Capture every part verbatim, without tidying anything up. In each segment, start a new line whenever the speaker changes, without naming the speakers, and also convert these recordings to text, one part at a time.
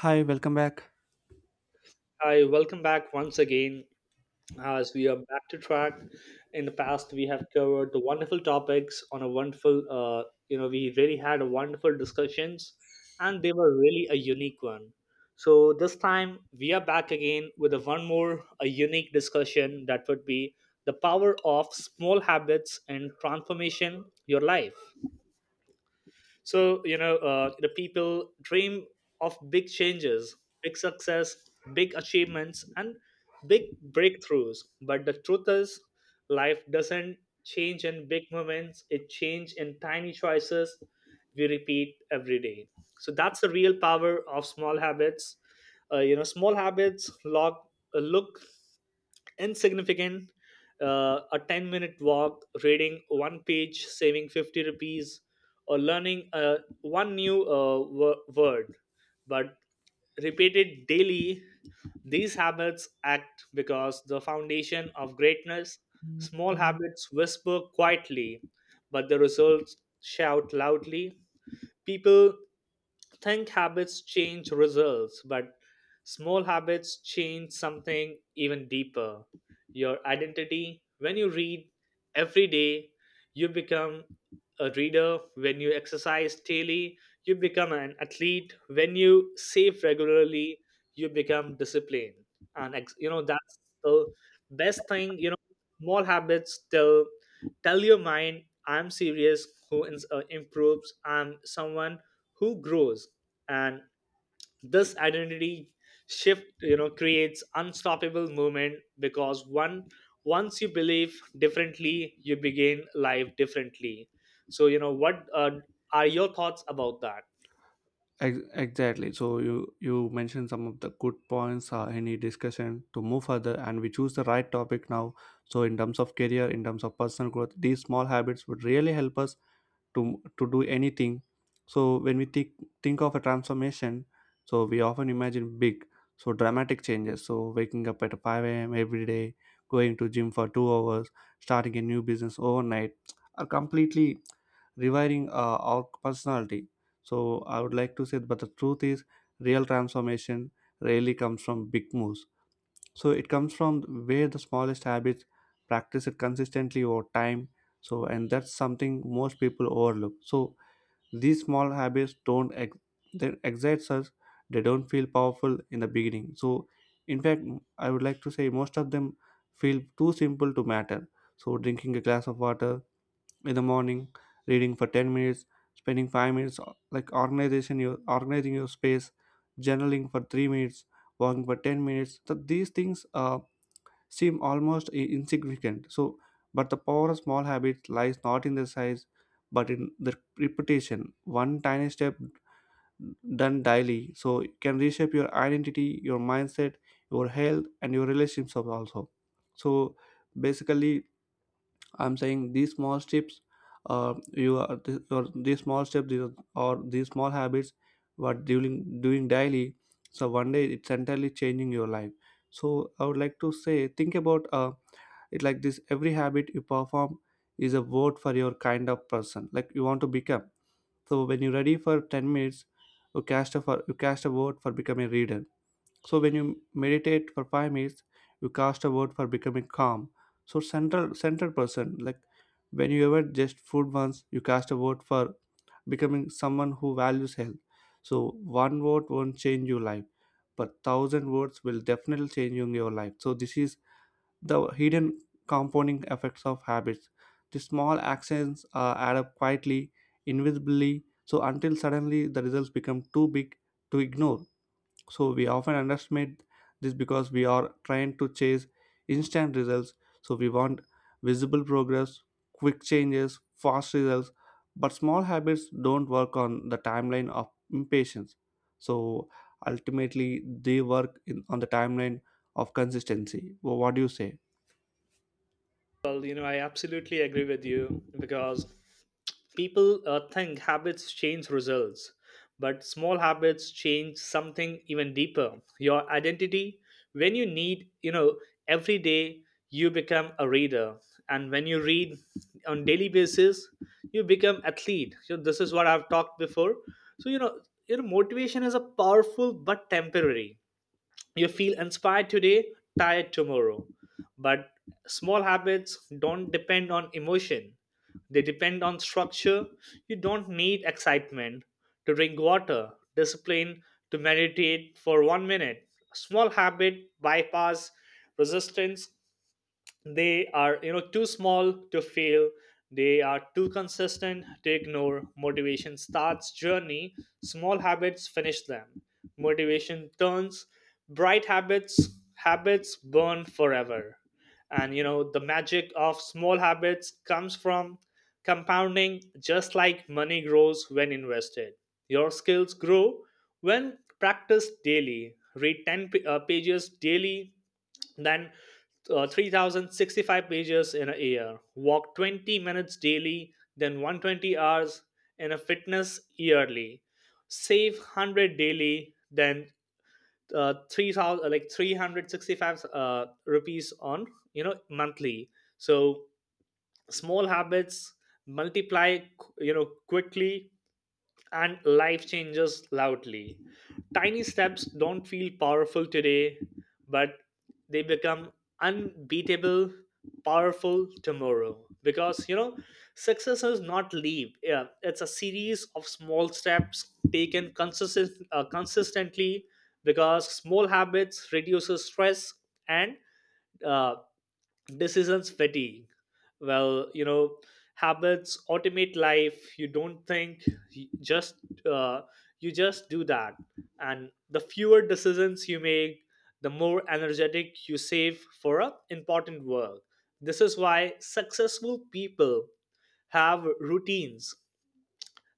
Hi, welcome back.
Hi, welcome back once again as we are back to track. In the past, we have covered the wonderful topics on a wonderful, uh, you know, we really had a wonderful discussions and they were really a unique one. So this time we are back again with a one more a unique discussion that would be the power of small habits and transformation your life. So you know, uh, the people dream of big changes, big success, big achievements, and big breakthroughs. But the truth is, life doesn't change in big moments. It changes in tiny choices we repeat every day. So that's the real power of small habits. Uh, you know, small habits log, uh, look insignificant, uh, a ten minute walk, reading one page, saving fifty rupees, or learning uh, one new uh, wo- word, but repeated daily, these habits act because the foundation of greatness. Small habits whisper quietly, but the results shout loudly. People think habits change results, but small habits change something even deeper: your identity. When you read every day, you become a reader. When you exercise daily, you become an athlete. When you save regularly, you become disciplined. And ex- you know that's the best thing. You know, small habits tell tell your mind, "I'm serious. Who ins- uh, improves? I'm someone who grows." And this identity shift, you know, creates unstoppable movement because one once you believe differently, you begin life differently. So you know, what uh, are your thoughts about that?
Ex- Exactly. So you you mentioned some of the good points uh, in the discussion to move further, and we choose the right topic now. So in terms of career, in terms of personal growth, these small habits would really help us to to do anything. So when we think think of a transformation, so we often imagine big, so dramatic changes, so waking up at five a m every day, going to gym for two hours, starting a new business overnight, are completely rewiring uh, our personality. So I would like to say, but the truth is, real transformation rarely comes from big moves. So it comes from where the smallest habits practice it consistently over time. So and that's something most people overlook. So these small habits don't ex- they excites us, they don't feel powerful in the beginning. So in fact, I would like to say, most of them feel too simple to matter. So drinking a glass of water in the morning, reading for ten minutes, spending five minutes uh, like organization your organizing your space, journaling for three minutes, walking for ten minutes, so these things uh, seem almost i- insignificant. So, but the power of small habits lies not in their size, but in their reputation. One tiny step done daily, so can reshape your identity, your mindset, your health, and your relationships also. So, basically, I'm saying these small steps, uh, you are th- or these small steps these are- or these small habits, what doing doing daily. So one day it's entirely changing your life. So I would like to say, think about uh, it like this. Every habit you perform is a vote for your kind of person like you want to become. So when you're ready for ten minutes, you cast a for, you cast a vote for becoming a reader. So when you meditate for five minutes, you cast a vote for becoming calm. So central central person, like when you ever just food once, you cast a vote for becoming someone who values health. So one vote won't change your life, but thousand votes will definitely change your life. So this is the hidden compounding effects of habits. The small actions uh, add up quietly, invisibly, so until suddenly the results become too big to ignore. So we often underestimate this because we are trying to chase instant results. So we want visible progress, quick changes, fast results, but small habits don't work on the timeline of impatience. So ultimately, they work in, on the timeline of consistency. Wha- What do you say?
Well, you know, I absolutely agree with you because people uh, think habits change results, but small habits change something even deeper: your identity. When you need, you know, every day you become a reader, and when you read on daily basis, you become athlete. So this is what I've talked before. So you know, you know, motivation is a powerful but temporary. You feel inspired today, tired tomorrow, but small habits don't depend on emotion, they depend on structure. You don't need excitement to drink water, discipline to meditate for one minute. Small habit bypass resistance. They are, you know, too small to fail. They are too consistent to ignore. Motivation starts journey, small habits finish them. Motivation turns bright, habits habits burn forever. And you know, the magic of small habits comes from compounding. Just like money grows when invested, your skills grow when practiced daily. Read ten p- uh, pages daily, then uh, three thousand sixty-five pages in a year. Walk twenty minutes daily, then one hundred twenty hours in a fitness yearly. Save one hundred daily, then uh, three thousand, like three hundred sixty-five uh, rupees on, you know, monthly. So small habits multiply, you know, quickly, and life changes loudly. Tiny steps don't feel powerful today, but they become unbeatable, powerful tomorrow. Because, you know, success is not leap, yeah, it's a series of small steps taken consistent, uh, consistently, because small habits reduces stress and uh, decisions fatigue. Well, you know, habits automate life. You don't think, you just, uh, you just do that. And the fewer decisions you make, the more energetic you save for a important work. This is why successful people have routines.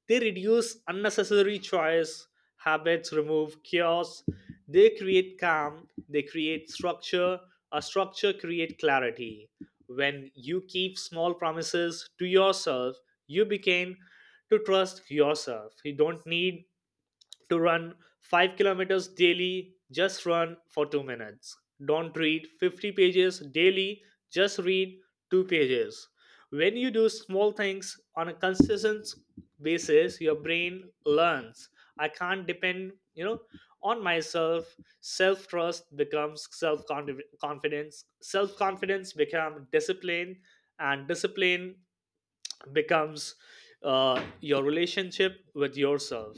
They reduce unnecessary choice, habits remove chaos, they create calm, they create structure, a structure create clarity. When you keep small promises to yourself, you begin to trust yourself. You don't need to run five kilometers daily, just run for two minutes. Don't read fifty pages daily, just read two pages. When you do small things on a consistent basis, your brain learns. I can't depend, you know, on myself. Self trust becomes self confidence. Self confidence becomes discipline, and discipline becomes uh, your relationship with yourself.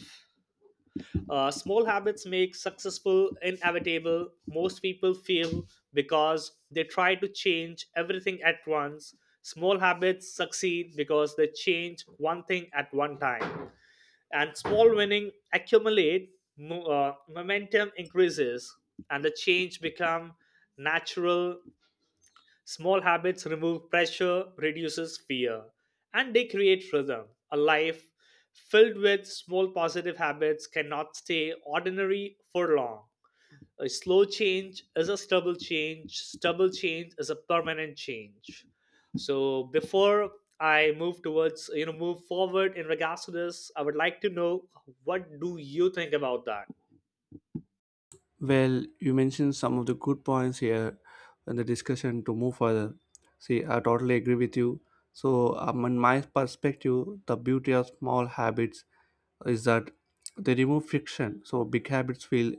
Uh, small habits make successful inevitable. Most people fail because they try to change everything at once. Small habits succeed because they change one thing at one time. And small winning accumulate, mo- uh, momentum increases, and the change become natural. Small habits remove pressure, reduces fear, and they create rhythm. A life filled with small positive habits cannot stay ordinary for long. A slow change is a stubble change, stubble change is a permanent change. So before I move towards you know move forward in regards to this, I would like to know, what do you think about that?
Well, you mentioned some of the good points here in the discussion to move further. See, I totally agree with you. So, um, in my perspective, the beauty of small habits is that they remove friction. So big habits feel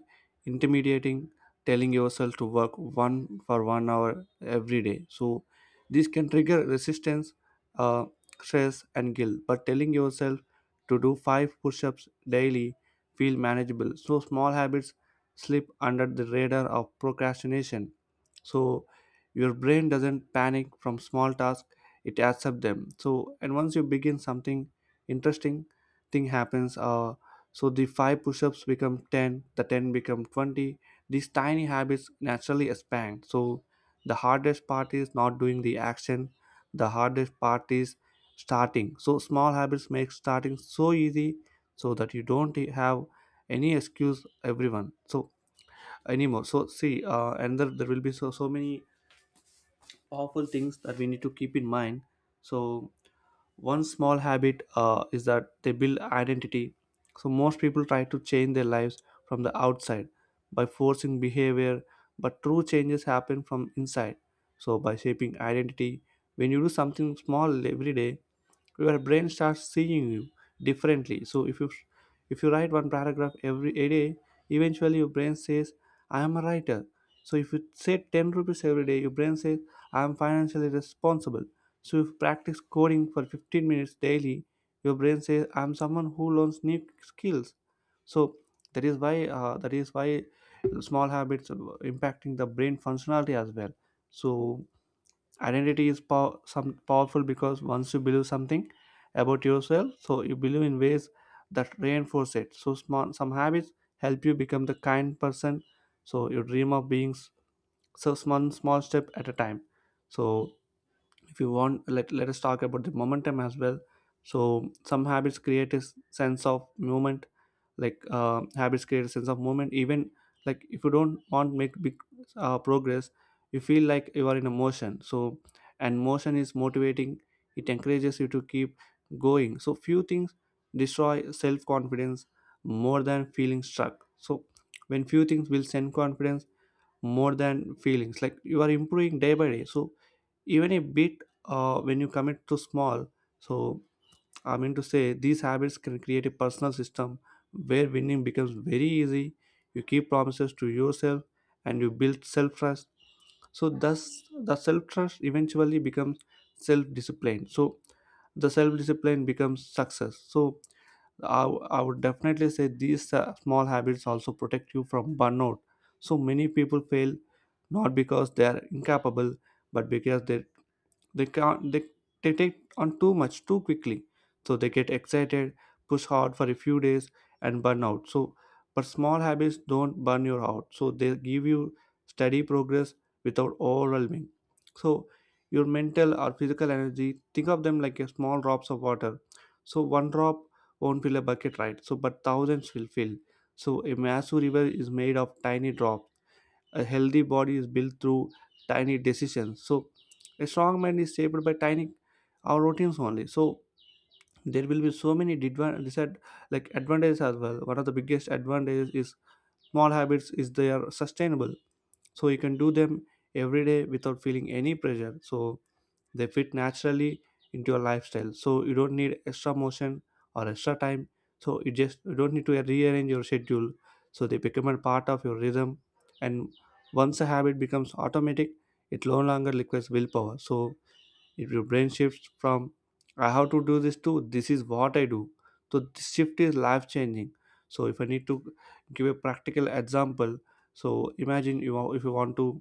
intimidating, telling yourself to work one for one hour every day. So this can trigger resistance, uh, stress, and guilt. But telling yourself to do five push-ups daily feel manageable. So small habits slip under the radar of procrastination. So your brain doesn't panic from small tasks; it accepts them. So and once you begin something interesting thing happens, uh, so the five push-ups become ten, the ten become twenty, these tiny habits naturally expand. So the hardest part is not doing the action, the hardest part is starting. So small habits make starting so easy, so that you don't have any excuse everyone, so anymore. So see, uh, and there, there will be so so many powerful things that we need to keep in mind. So one small habit uh, is that they build identity. So most people try to change their lives from the outside by forcing behavior, but true changes happen from inside. So by shaping identity, when you do something small every day, your brain starts seeing you differently. So if you if you write one paragraph every a day, eventually your brain says, I am a writer. So if you say ten rupees every day, your brain says, I am financially responsible. So if you practice coding for fifteen minutes daily, your brain says, I'm someone who learns new skills. So that is why uh, that is why small habits uh, impacting the brain functionality as well. So identity is pow- some powerful, because once you believe something about yourself, so you believe in ways that reinforce it. So small some habits help you become the kind person, so you dream of being s- so small small step at a time. So if you want, let, let us talk about the momentum as well. So some habits create a s- sense of movement, like uh, habits create a sense of movement even like if you don't want to make big uh, progress, you feel like you are in a motion. So and motion is motivating, it encourages you to keep going. So few things destroy self-confidence more than feeling stuck. So when few things will send confidence more than feelings like you are improving day by day, so even a bit, uh, when you commit to small. So I mean to say, these habits can create a personal system where winning becomes very easy. You keep promises to yourself, and you build self trust. So thus the self trust eventually becomes self discipline, so the self discipline becomes success. So I I would definitely say, these uh, small habits also protect you from burnout. So many people fail, not because they are incapable, but because they they can't they, they take on too much too quickly. So they get excited, push hard for a few days, and burn out. So but small habits don't burn you out, so they give you steady progress without overwhelming, so your mental or physical energy, think of them like a small drops of water. So one drop won't fill a bucket, right? So but thousands will fill, so a massive river is made of tiny drops. A healthy body is built through tiny decisions. So a strong mind is shaped by tiny our routines only. So there will be so many didva- disad like advantages as well. One of the biggest advantages is small habits is they are sustainable. So you can do them every day without feeling any pressure. So they fit naturally into your lifestyle, so you don't need extra motion or extra time, so you just you don't need to rearrange your schedule, so they become a part of your rhythm. And once a habit becomes automatic, it no longer requires willpower. So if your brain shifts from, I have to do this, to, this is what I do, so this shift is life changing. So if I need to give a practical example, so imagine you wa- if you want to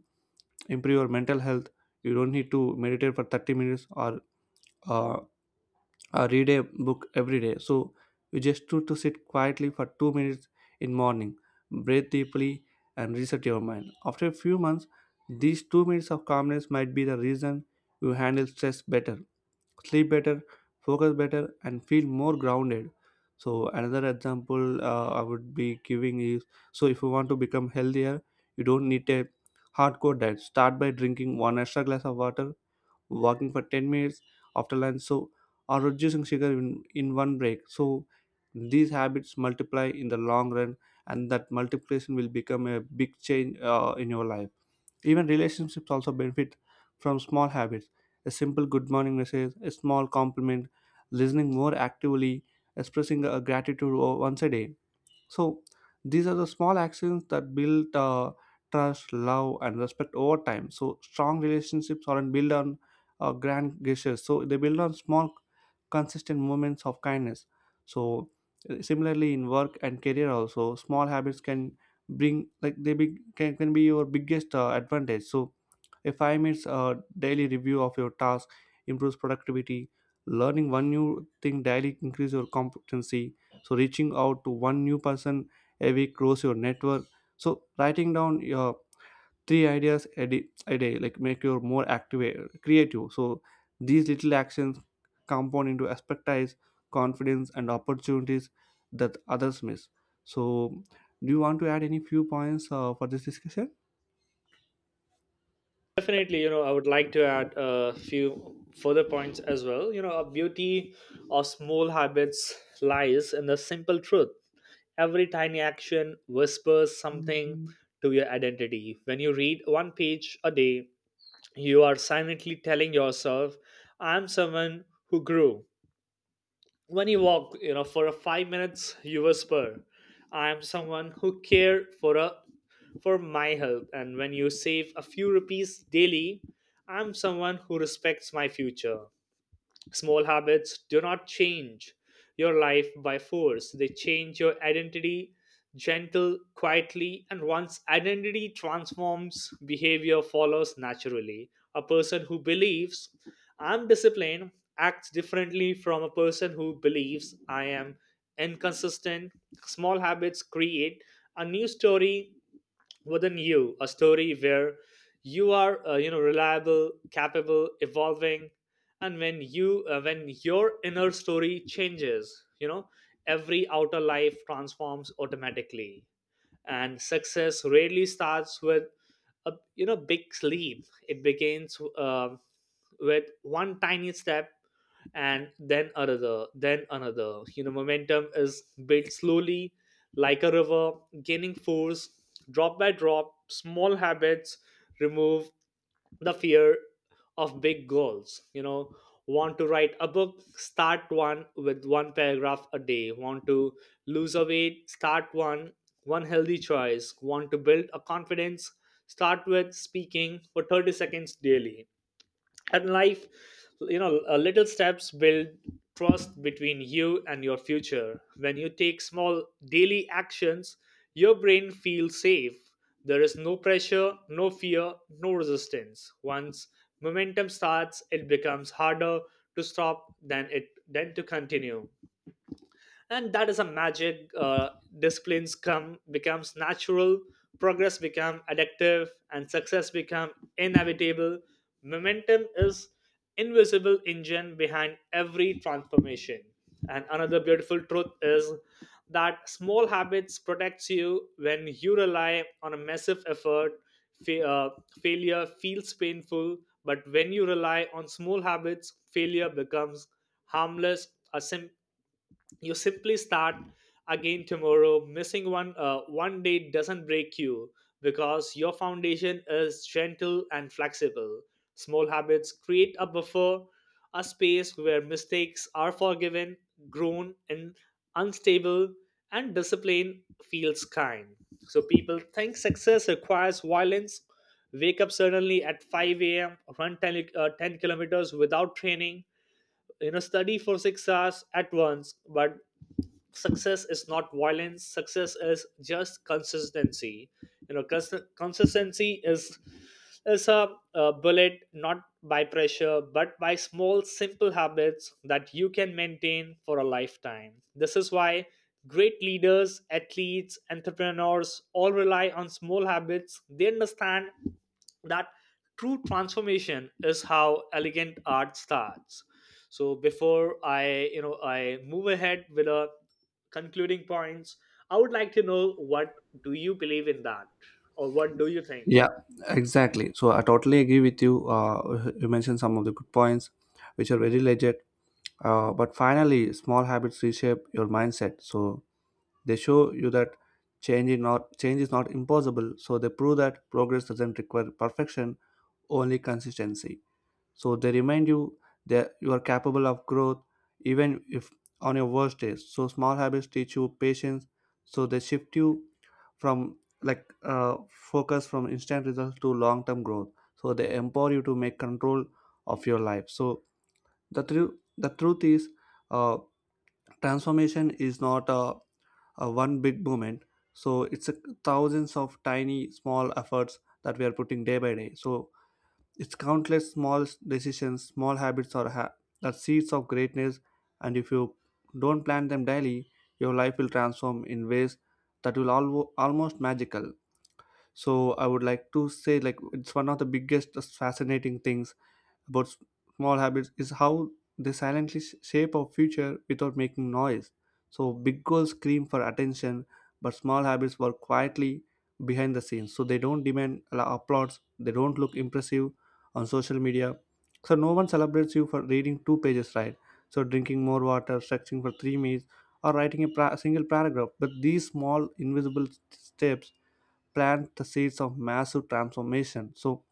improve your mental health, you don't need to meditate for thirty minutes or uh, uh, read a book every day. So you just to, to, sit quietly for two minutes in morning, breathe deeply, and reset your mind. After a few months, these two minutes of calmness might be the reason you handle stress better, sleep better, focus better, and feel more grounded. So another example, uh, I would be giving is, so if you want to become healthier, you don't need a hardcore diet. Start by drinking one extra glass of water, walking for ten minutes after lunch, so or reducing sugar in, in one break, so these habits multiply in the long run, and that multiplication will become a big change uh, in your life. Even relationships also benefit from small habits. A simple good morning message, a small compliment, listening more actively, expressing uh, gratitude o- once a day. So these are the small actions that build uh, trust, love, and respect over time. So strong relationships aren't built on uh, grand gestures. So they build on small, consistent moments of kindness. So uh, similarly in work and career also, small habits can bring, like they be, can, can be your biggest uh, advantage. So a five minutes uh, daily review of your task improves productivity. Learning one new thing daily increase your competency. So reaching out to one new person a week grows your network. So writing down your three ideas a day, a day like make you more active creative. So these little actions compound into expertise, confidence, and opportunities that others miss. So do you want to add any few points uh, for this discussion?
Definitely, you know, I would like to add a few further points as well. You know, a beauty of small habits lies in the simple truth. Every tiny action whispers something to your identity. When you read one page a day, you are silently telling yourself, "I'm someone who grew." When you walk, you know, for a five minutes, you whisper, "I am someone who care for a for my health." And when you save a few rupees daily, "I'm someone who respects my future." Small habits do not change your life by force, they change your identity gentle, quietly, and once identity transforms, behavior follows naturally. A person who believes "I'm disciplined" acts differently from a person who believes "I am inconsistent." Small habits create a new story within you, a story where you are, uh, you know reliable, capable, evolving. And when you, uh, when your inner story changes, you know, every outer life transforms automatically. And success rarely starts with a, you know, big leap. It begins, uh, with one tiny step, and then another, then another. You know, momentum is built slowly, like a river gaining force, drop by drop. Small habits remove the fear of big goals. You know, want to write a book, start one with one paragraph a day. Want to lose a weight, start one one healthy choice. Want to build a confidence, start with speaking for thirty seconds daily. And life, you know uh, little steps build trust between you and your future. When you take small daily actions, your brain feels safe. There is no pressure, no fear, no resistance. Once momentum starts, it becomes harder to stop than it than to continue. And that is a magic. Uh, disciplines come becomes natural, progress become addictive, and success become inevitable. Momentum is invisible engine behind every transformation. And another beautiful truth is that small habits protects you when you rely on a massive effort. fa- uh, Failure feels painful, but when you rely on small habits, failure becomes harmless. A simple, you simply start again tomorrow. Missing one, uh, one day, doesn't break you because your foundation is gentle and flexible. Small habits create a buffer, a space where mistakes are forgiven, grown, and unstable, and discipline feels kind. So people think success requires violence, wake up suddenly at five a.m. run ten, uh, ten kilometers without training, you know, study for six hours at once. But success is not violence, success is just consistency. You know, cons- consistency is is a, a bullet, not by pressure, but by small simple habits that you can maintain for a lifetime. This is why great leaders, athletes, entrepreneurs all rely on small habits. They understand that true transformation is how elegant art starts. So before I you know I move ahead with a concluding points, I would like to know, what do you believe in that, or what do you think?
Yeah, exactly, so I totally agree with you. Uh, you mentioned some of the good points which are very legit, uh, but finally small habits reshape your mindset. So they show you that change is not change is not impossible, so they prove that progress doesn't require perfection, only consistency. So they remind you that you are capable of growth, even if on your worst days. So small habits teach you patience, so they shift you from like uh, focus from instant results to long-term growth. So they empower you to make control of your life. So the truth the truth is uh, transformation is not a uh, one big moment, so it's a thousands of tiny small efforts that we are putting day by day, so it's countless small decisions, small habits, or ha- are seeds of greatness, and if you don't plant them daily your life will transform in ways that will alwo almost magical. So I would like to say, like, it's one of the biggest uh, fascinating things about s- small habits is how they silently sh- shape our future without making noise. So big goals scream for attention, but small habits work quietly behind the scenes. So they don't demand la- applause, they don't look impressive on social media. So no one celebrates you for reading two pages, right? So drinking more water, stretching for three minutes, or writing a pra- single paragraph. But these small invisible s- steps plant the seeds of massive transformation. So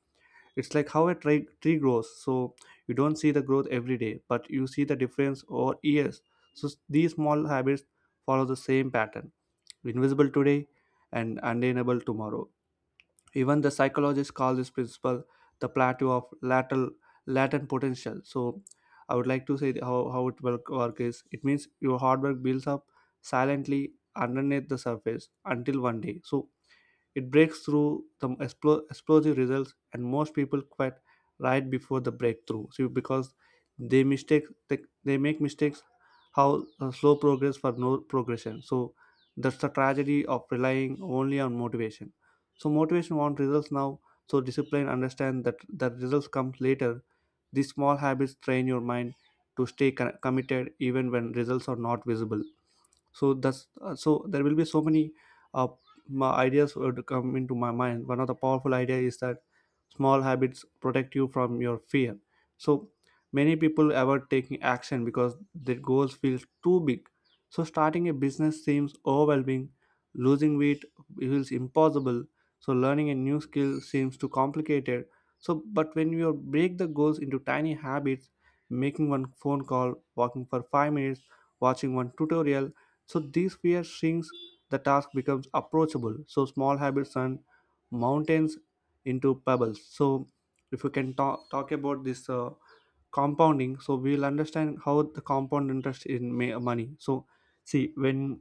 it's like how a tree, tree grows. So you don't see the growth every day, but you see the difference over years. So s- these small habits follow the same pattern, invisible today and unattainable tomorrow. Even the psychologists call this principle the plateau of lateral, latent potential. So I would like to say that how, how it work, work is, it means your hard work builds up silently underneath the surface until one day. So it breaks through the explo- explosive results, and most people quit right before the breakthrough. So because they mistake they, they make mistakes, how uh, slow progress for no progression. So that's the tragedy of relying only on motivation. So motivation wants results now. So discipline understand that the results come later. These small habits train your mind to stay con- committed even when results are not visible. So that's uh, so there will be so many uh, ma- ideas would come into my mind. One of the powerful idea is that small habits protect you from your fear. So many people avoid taking action because their goals feel too big, so starting a business seems overwhelming, losing weight feels impossible, so learning a new skill seems too complicated. So but when you break the goals into tiny habits, making one phone call, walking for five minutes, watching one tutorial, so these fear shrinks, the task becomes approachable. So small habits and mountains into pebbles. So if you can talk, talk about this uh, compounding, so we'll understand how the compound interest in ma- money. So see, when,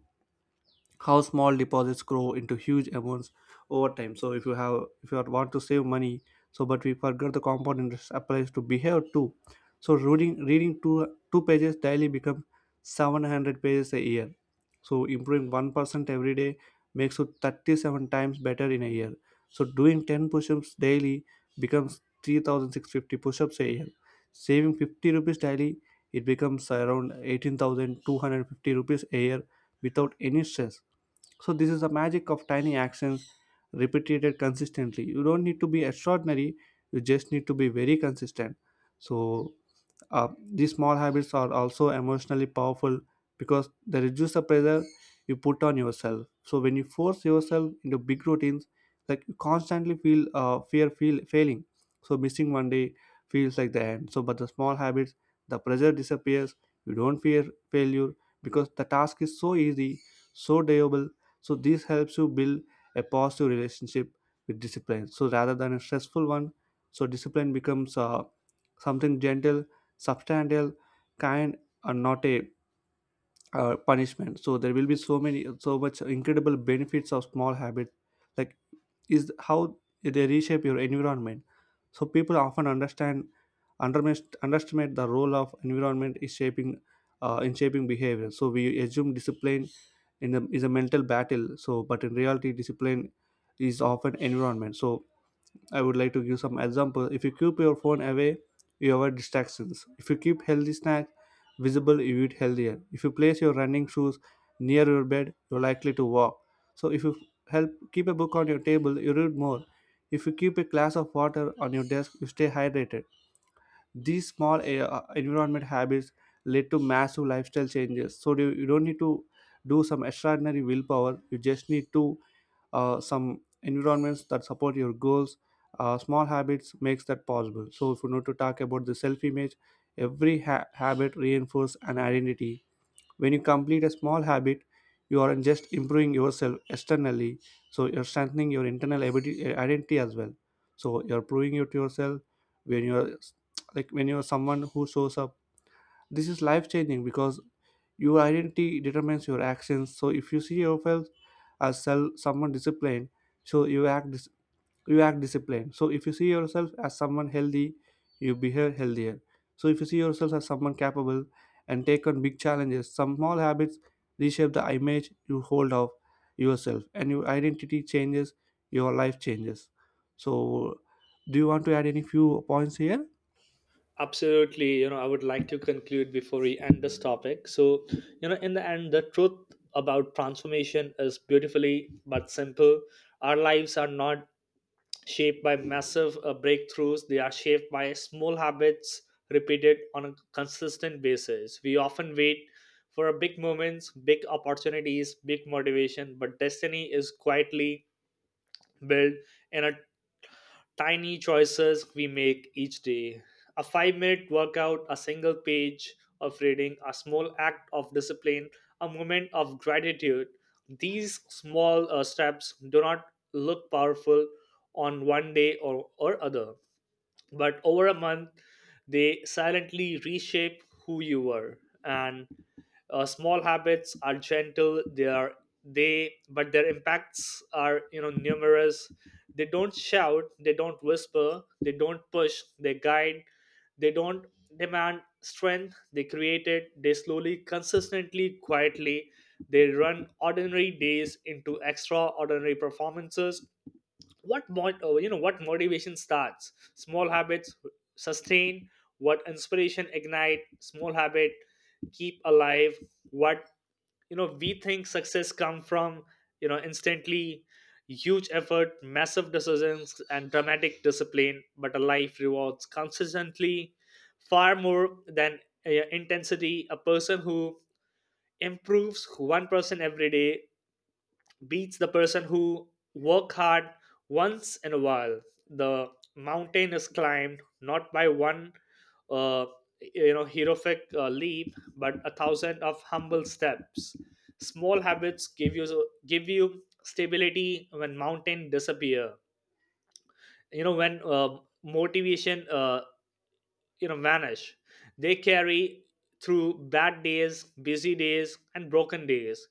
how small deposits grow into huge amounts over time, so if you have if you want to save money, so but we forget the compound interest applies to behavior too. So reading reading two two pages daily become seven hundred pages a year, so improving one percent every day makes you thirty-seven times better in a year, so doing ten push-ups daily becomes three thousand six hundred fifty push-ups a year, saving fifty rupees daily, it becomes around eighteen thousand two hundred fifty rupees a year without any stress. So this is the magic of tiny actions repeated consistently. You don't need to be extraordinary, you just need to be very consistent. So uh, these small habits are also emotionally powerful because they reduce the pressure you put on yourself. So when you force yourself into big routines, like you constantly feel uh, fear feel failing. So missing one day feels like the end. So but the small habits, the pressure disappears. You don't fear failure because the task is so easy, so doable. So this helps you build a positive relationship with discipline. So rather than a stressful one, so discipline becomes uh, something gentle, substantial, kind, and not a uh, punishment. So there will be so many, so much incredible benefits of small habits, like, is how they reshape your environment. So people often understand underestimate, underestimate the role of environment is shaping uh, in shaping behavior. So we assume discipline in a, is a mental battle, so but in reality discipline is often environment. So I would like to give some example. If you keep your phone away, you avoid distractions. If you keep healthy snacks visible, you eat healthier. If you place your running shoes near your bed, you're likely to walk. So if you help keep a book on your table, you read more. If you keep a glass of water on your desk, you stay hydrated. These small eh, uh, environment habits lead to massive lifestyle changes. So you, you don't need to do some extraordinary willpower. You just need to uh, some environments that support your goals. Uh, small habits makes that possible. So if you need to talk about the self-image, every ha- habit reinforces an identity. When you complete a small habit, you aren't just improving yourself externally, so you're strengthening your internal abiti- uh, identity as well. So you're proving it to yourself when you're like when you're someone who shows up. This is life changing because your identity determines your actions. So if you see yourself as self, someone disciplined, so you act dis- you act disciplined. So if you see yourself as someone healthy, you behave healthier. So if you see yourself as someone capable and take on big challenges, some small habits reshape the image you hold of yourself, and your identity changes, your life changes. So do you want to add any few points here?
Absolutely, you know, I would like to conclude before we end this topic. So you know, in the end, the truth about transformation is beautifully but simple. Our lives are not shaped by massive uh, breakthroughs. They are shaped by small habits repeated on a consistent basis. We often wait for a big moments, big opportunities, big motivation, but destiny is quietly built in a tiny choices we make each day. A five minute workout, a single page of reading, a small act of discipline, a moment of gratitude. These small uh, steps do not look powerful on one day or, or other, but over a month, they silently reshape who you are. And uh, small habits are gentle. They are, they but their impacts are, you know, numerous. They don't shout, they don't whisper, they don't push, they guide. They don't demand strength, they create it. They slowly, consistently, quietly, they run ordinary days into extraordinary performances. What mod, uh, you know what motivation starts, small habits sustain. What inspiration ignite, small habit keep alive. What, you know, we think success come from, you know, instantly, huge effort, massive decisions, and dramatic discipline. But a life rewards consistently far more than uh, intensity. A person who improves one percent every day beats the person who work hard once in a while. The mountain is climbed not by one uh, you know heroic uh, leap, but a thousand of humble steps. Small habits give you give you stability when mountain disappear. You know, when, uh, motivation, uh, you know vanish, they carry through bad days, busy days, and broken days.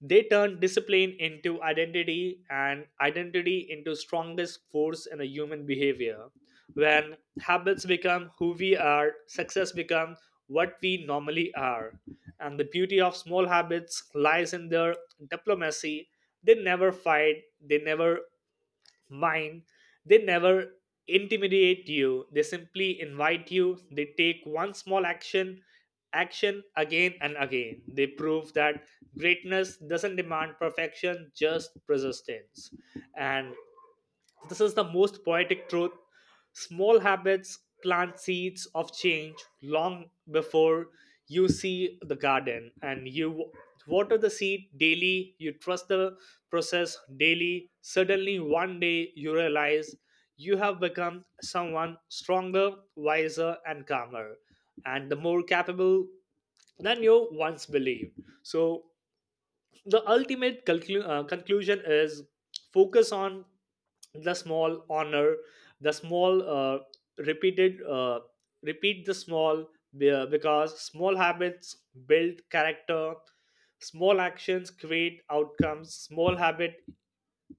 They turn discipline into identity and identity into strongest force in the human behavior. When habits become who we are, success becomes what we normally are. And the beauty of small habits lies in their diplomacy. They never fight, they never mine, they never intimidate you, they simply invite you. They take one small action action again and again. They prove that greatness doesn't demand perfection, just persistence. And this is the most poetic truth. Small habits plant seeds of change long before you see the garden. And you water the seed daily, you trust the process daily. Suddenly, one day, you realize you have become someone stronger, wiser, and calmer, and the more capable than you once believed. So, the ultimate conclu- uh, conclusion is focus on the small, honor the small, uh, repeated uh, repeat the small, be- because small habits build character, small actions create outcomes. Small habit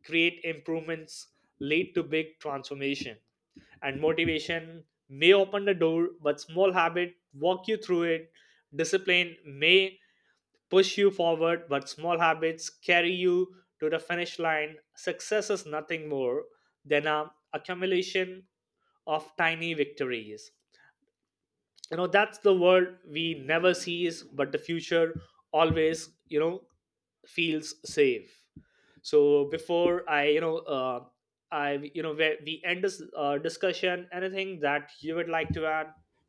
create improvements, lead to big transformation. And motivation may open the door, but small habit walk you through it. Discipline may push you forward, but small habits carry you to the finish line. Success is nothing more than an accumulation of tiny victories. You know, that's the world we never sees, but the future always, you know, feels safe. So before I, you know, uh, I, you know, where we end this uh, discussion, anything that you would like to add?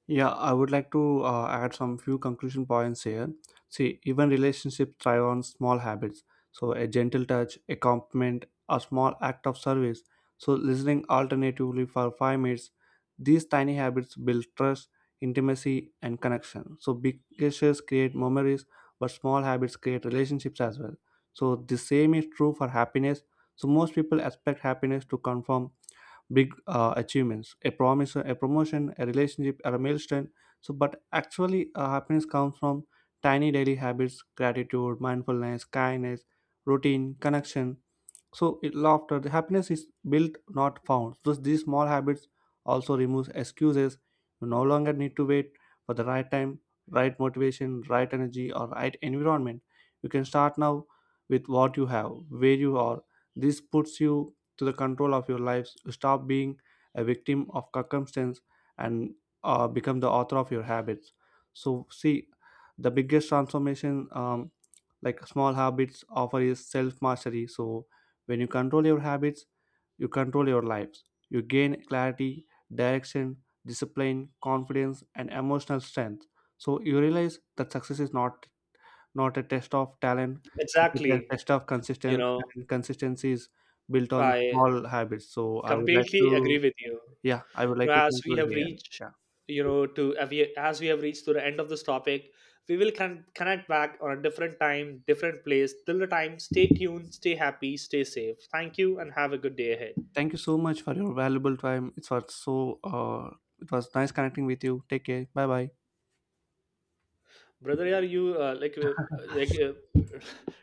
Yeah, I would like to uh, add some few conclusion points here. See, even relationships thrive on small habits. So, a gentle touch, a compliment, a small act of service. So, listening alternatively for five minutes. These tiny habits build trust, intimacy, and connection. So, big gestures create memories, but small habits create relationships as well. So, the same is true for happiness. So, most people expect happiness to come from big uh, achievements, a promise, a promotion, a relationship, or a milestone. So but actually uh, happiness comes from tiny daily habits, gratitude, mindfulness, kindness, routine, connection. So it, laughter, the happiness is built, not found. So these small habits also removes excuses. You no longer need to wait for the right time, right motivation, right energy, or right environment. You can start now with what you have, where you are. This puts you to the control of your lives. You stop being a victim of circumstance and uh, become the author of your habits. So see, the biggest transformation um, like small habits offer is self mastery. So when you control your habits, you control your lives. You gain clarity, direction, discipline, confidence, and emotional strength. So you realize that success is not not a test of talent; it's a te-
Exactly.
test of
You
consistency,
know,
and consistency is built on
I
small habits. So I would like
completely agree
to,
with you.
yeah, I would
You
like
know,
to
as we
conclude
have
here.
reached
Yeah,
you know to as we as we have reached to the end of this topic, we will con- connect back on a different time, different place. Till the time, stay tuned, stay happy, stay safe. Thank you and have a good day ahead,
thank you so much for your valuable time. It was so, uh, it was nice connecting with you. Take care. Bye bye.
brother. Are you, uh, like uh, like uh,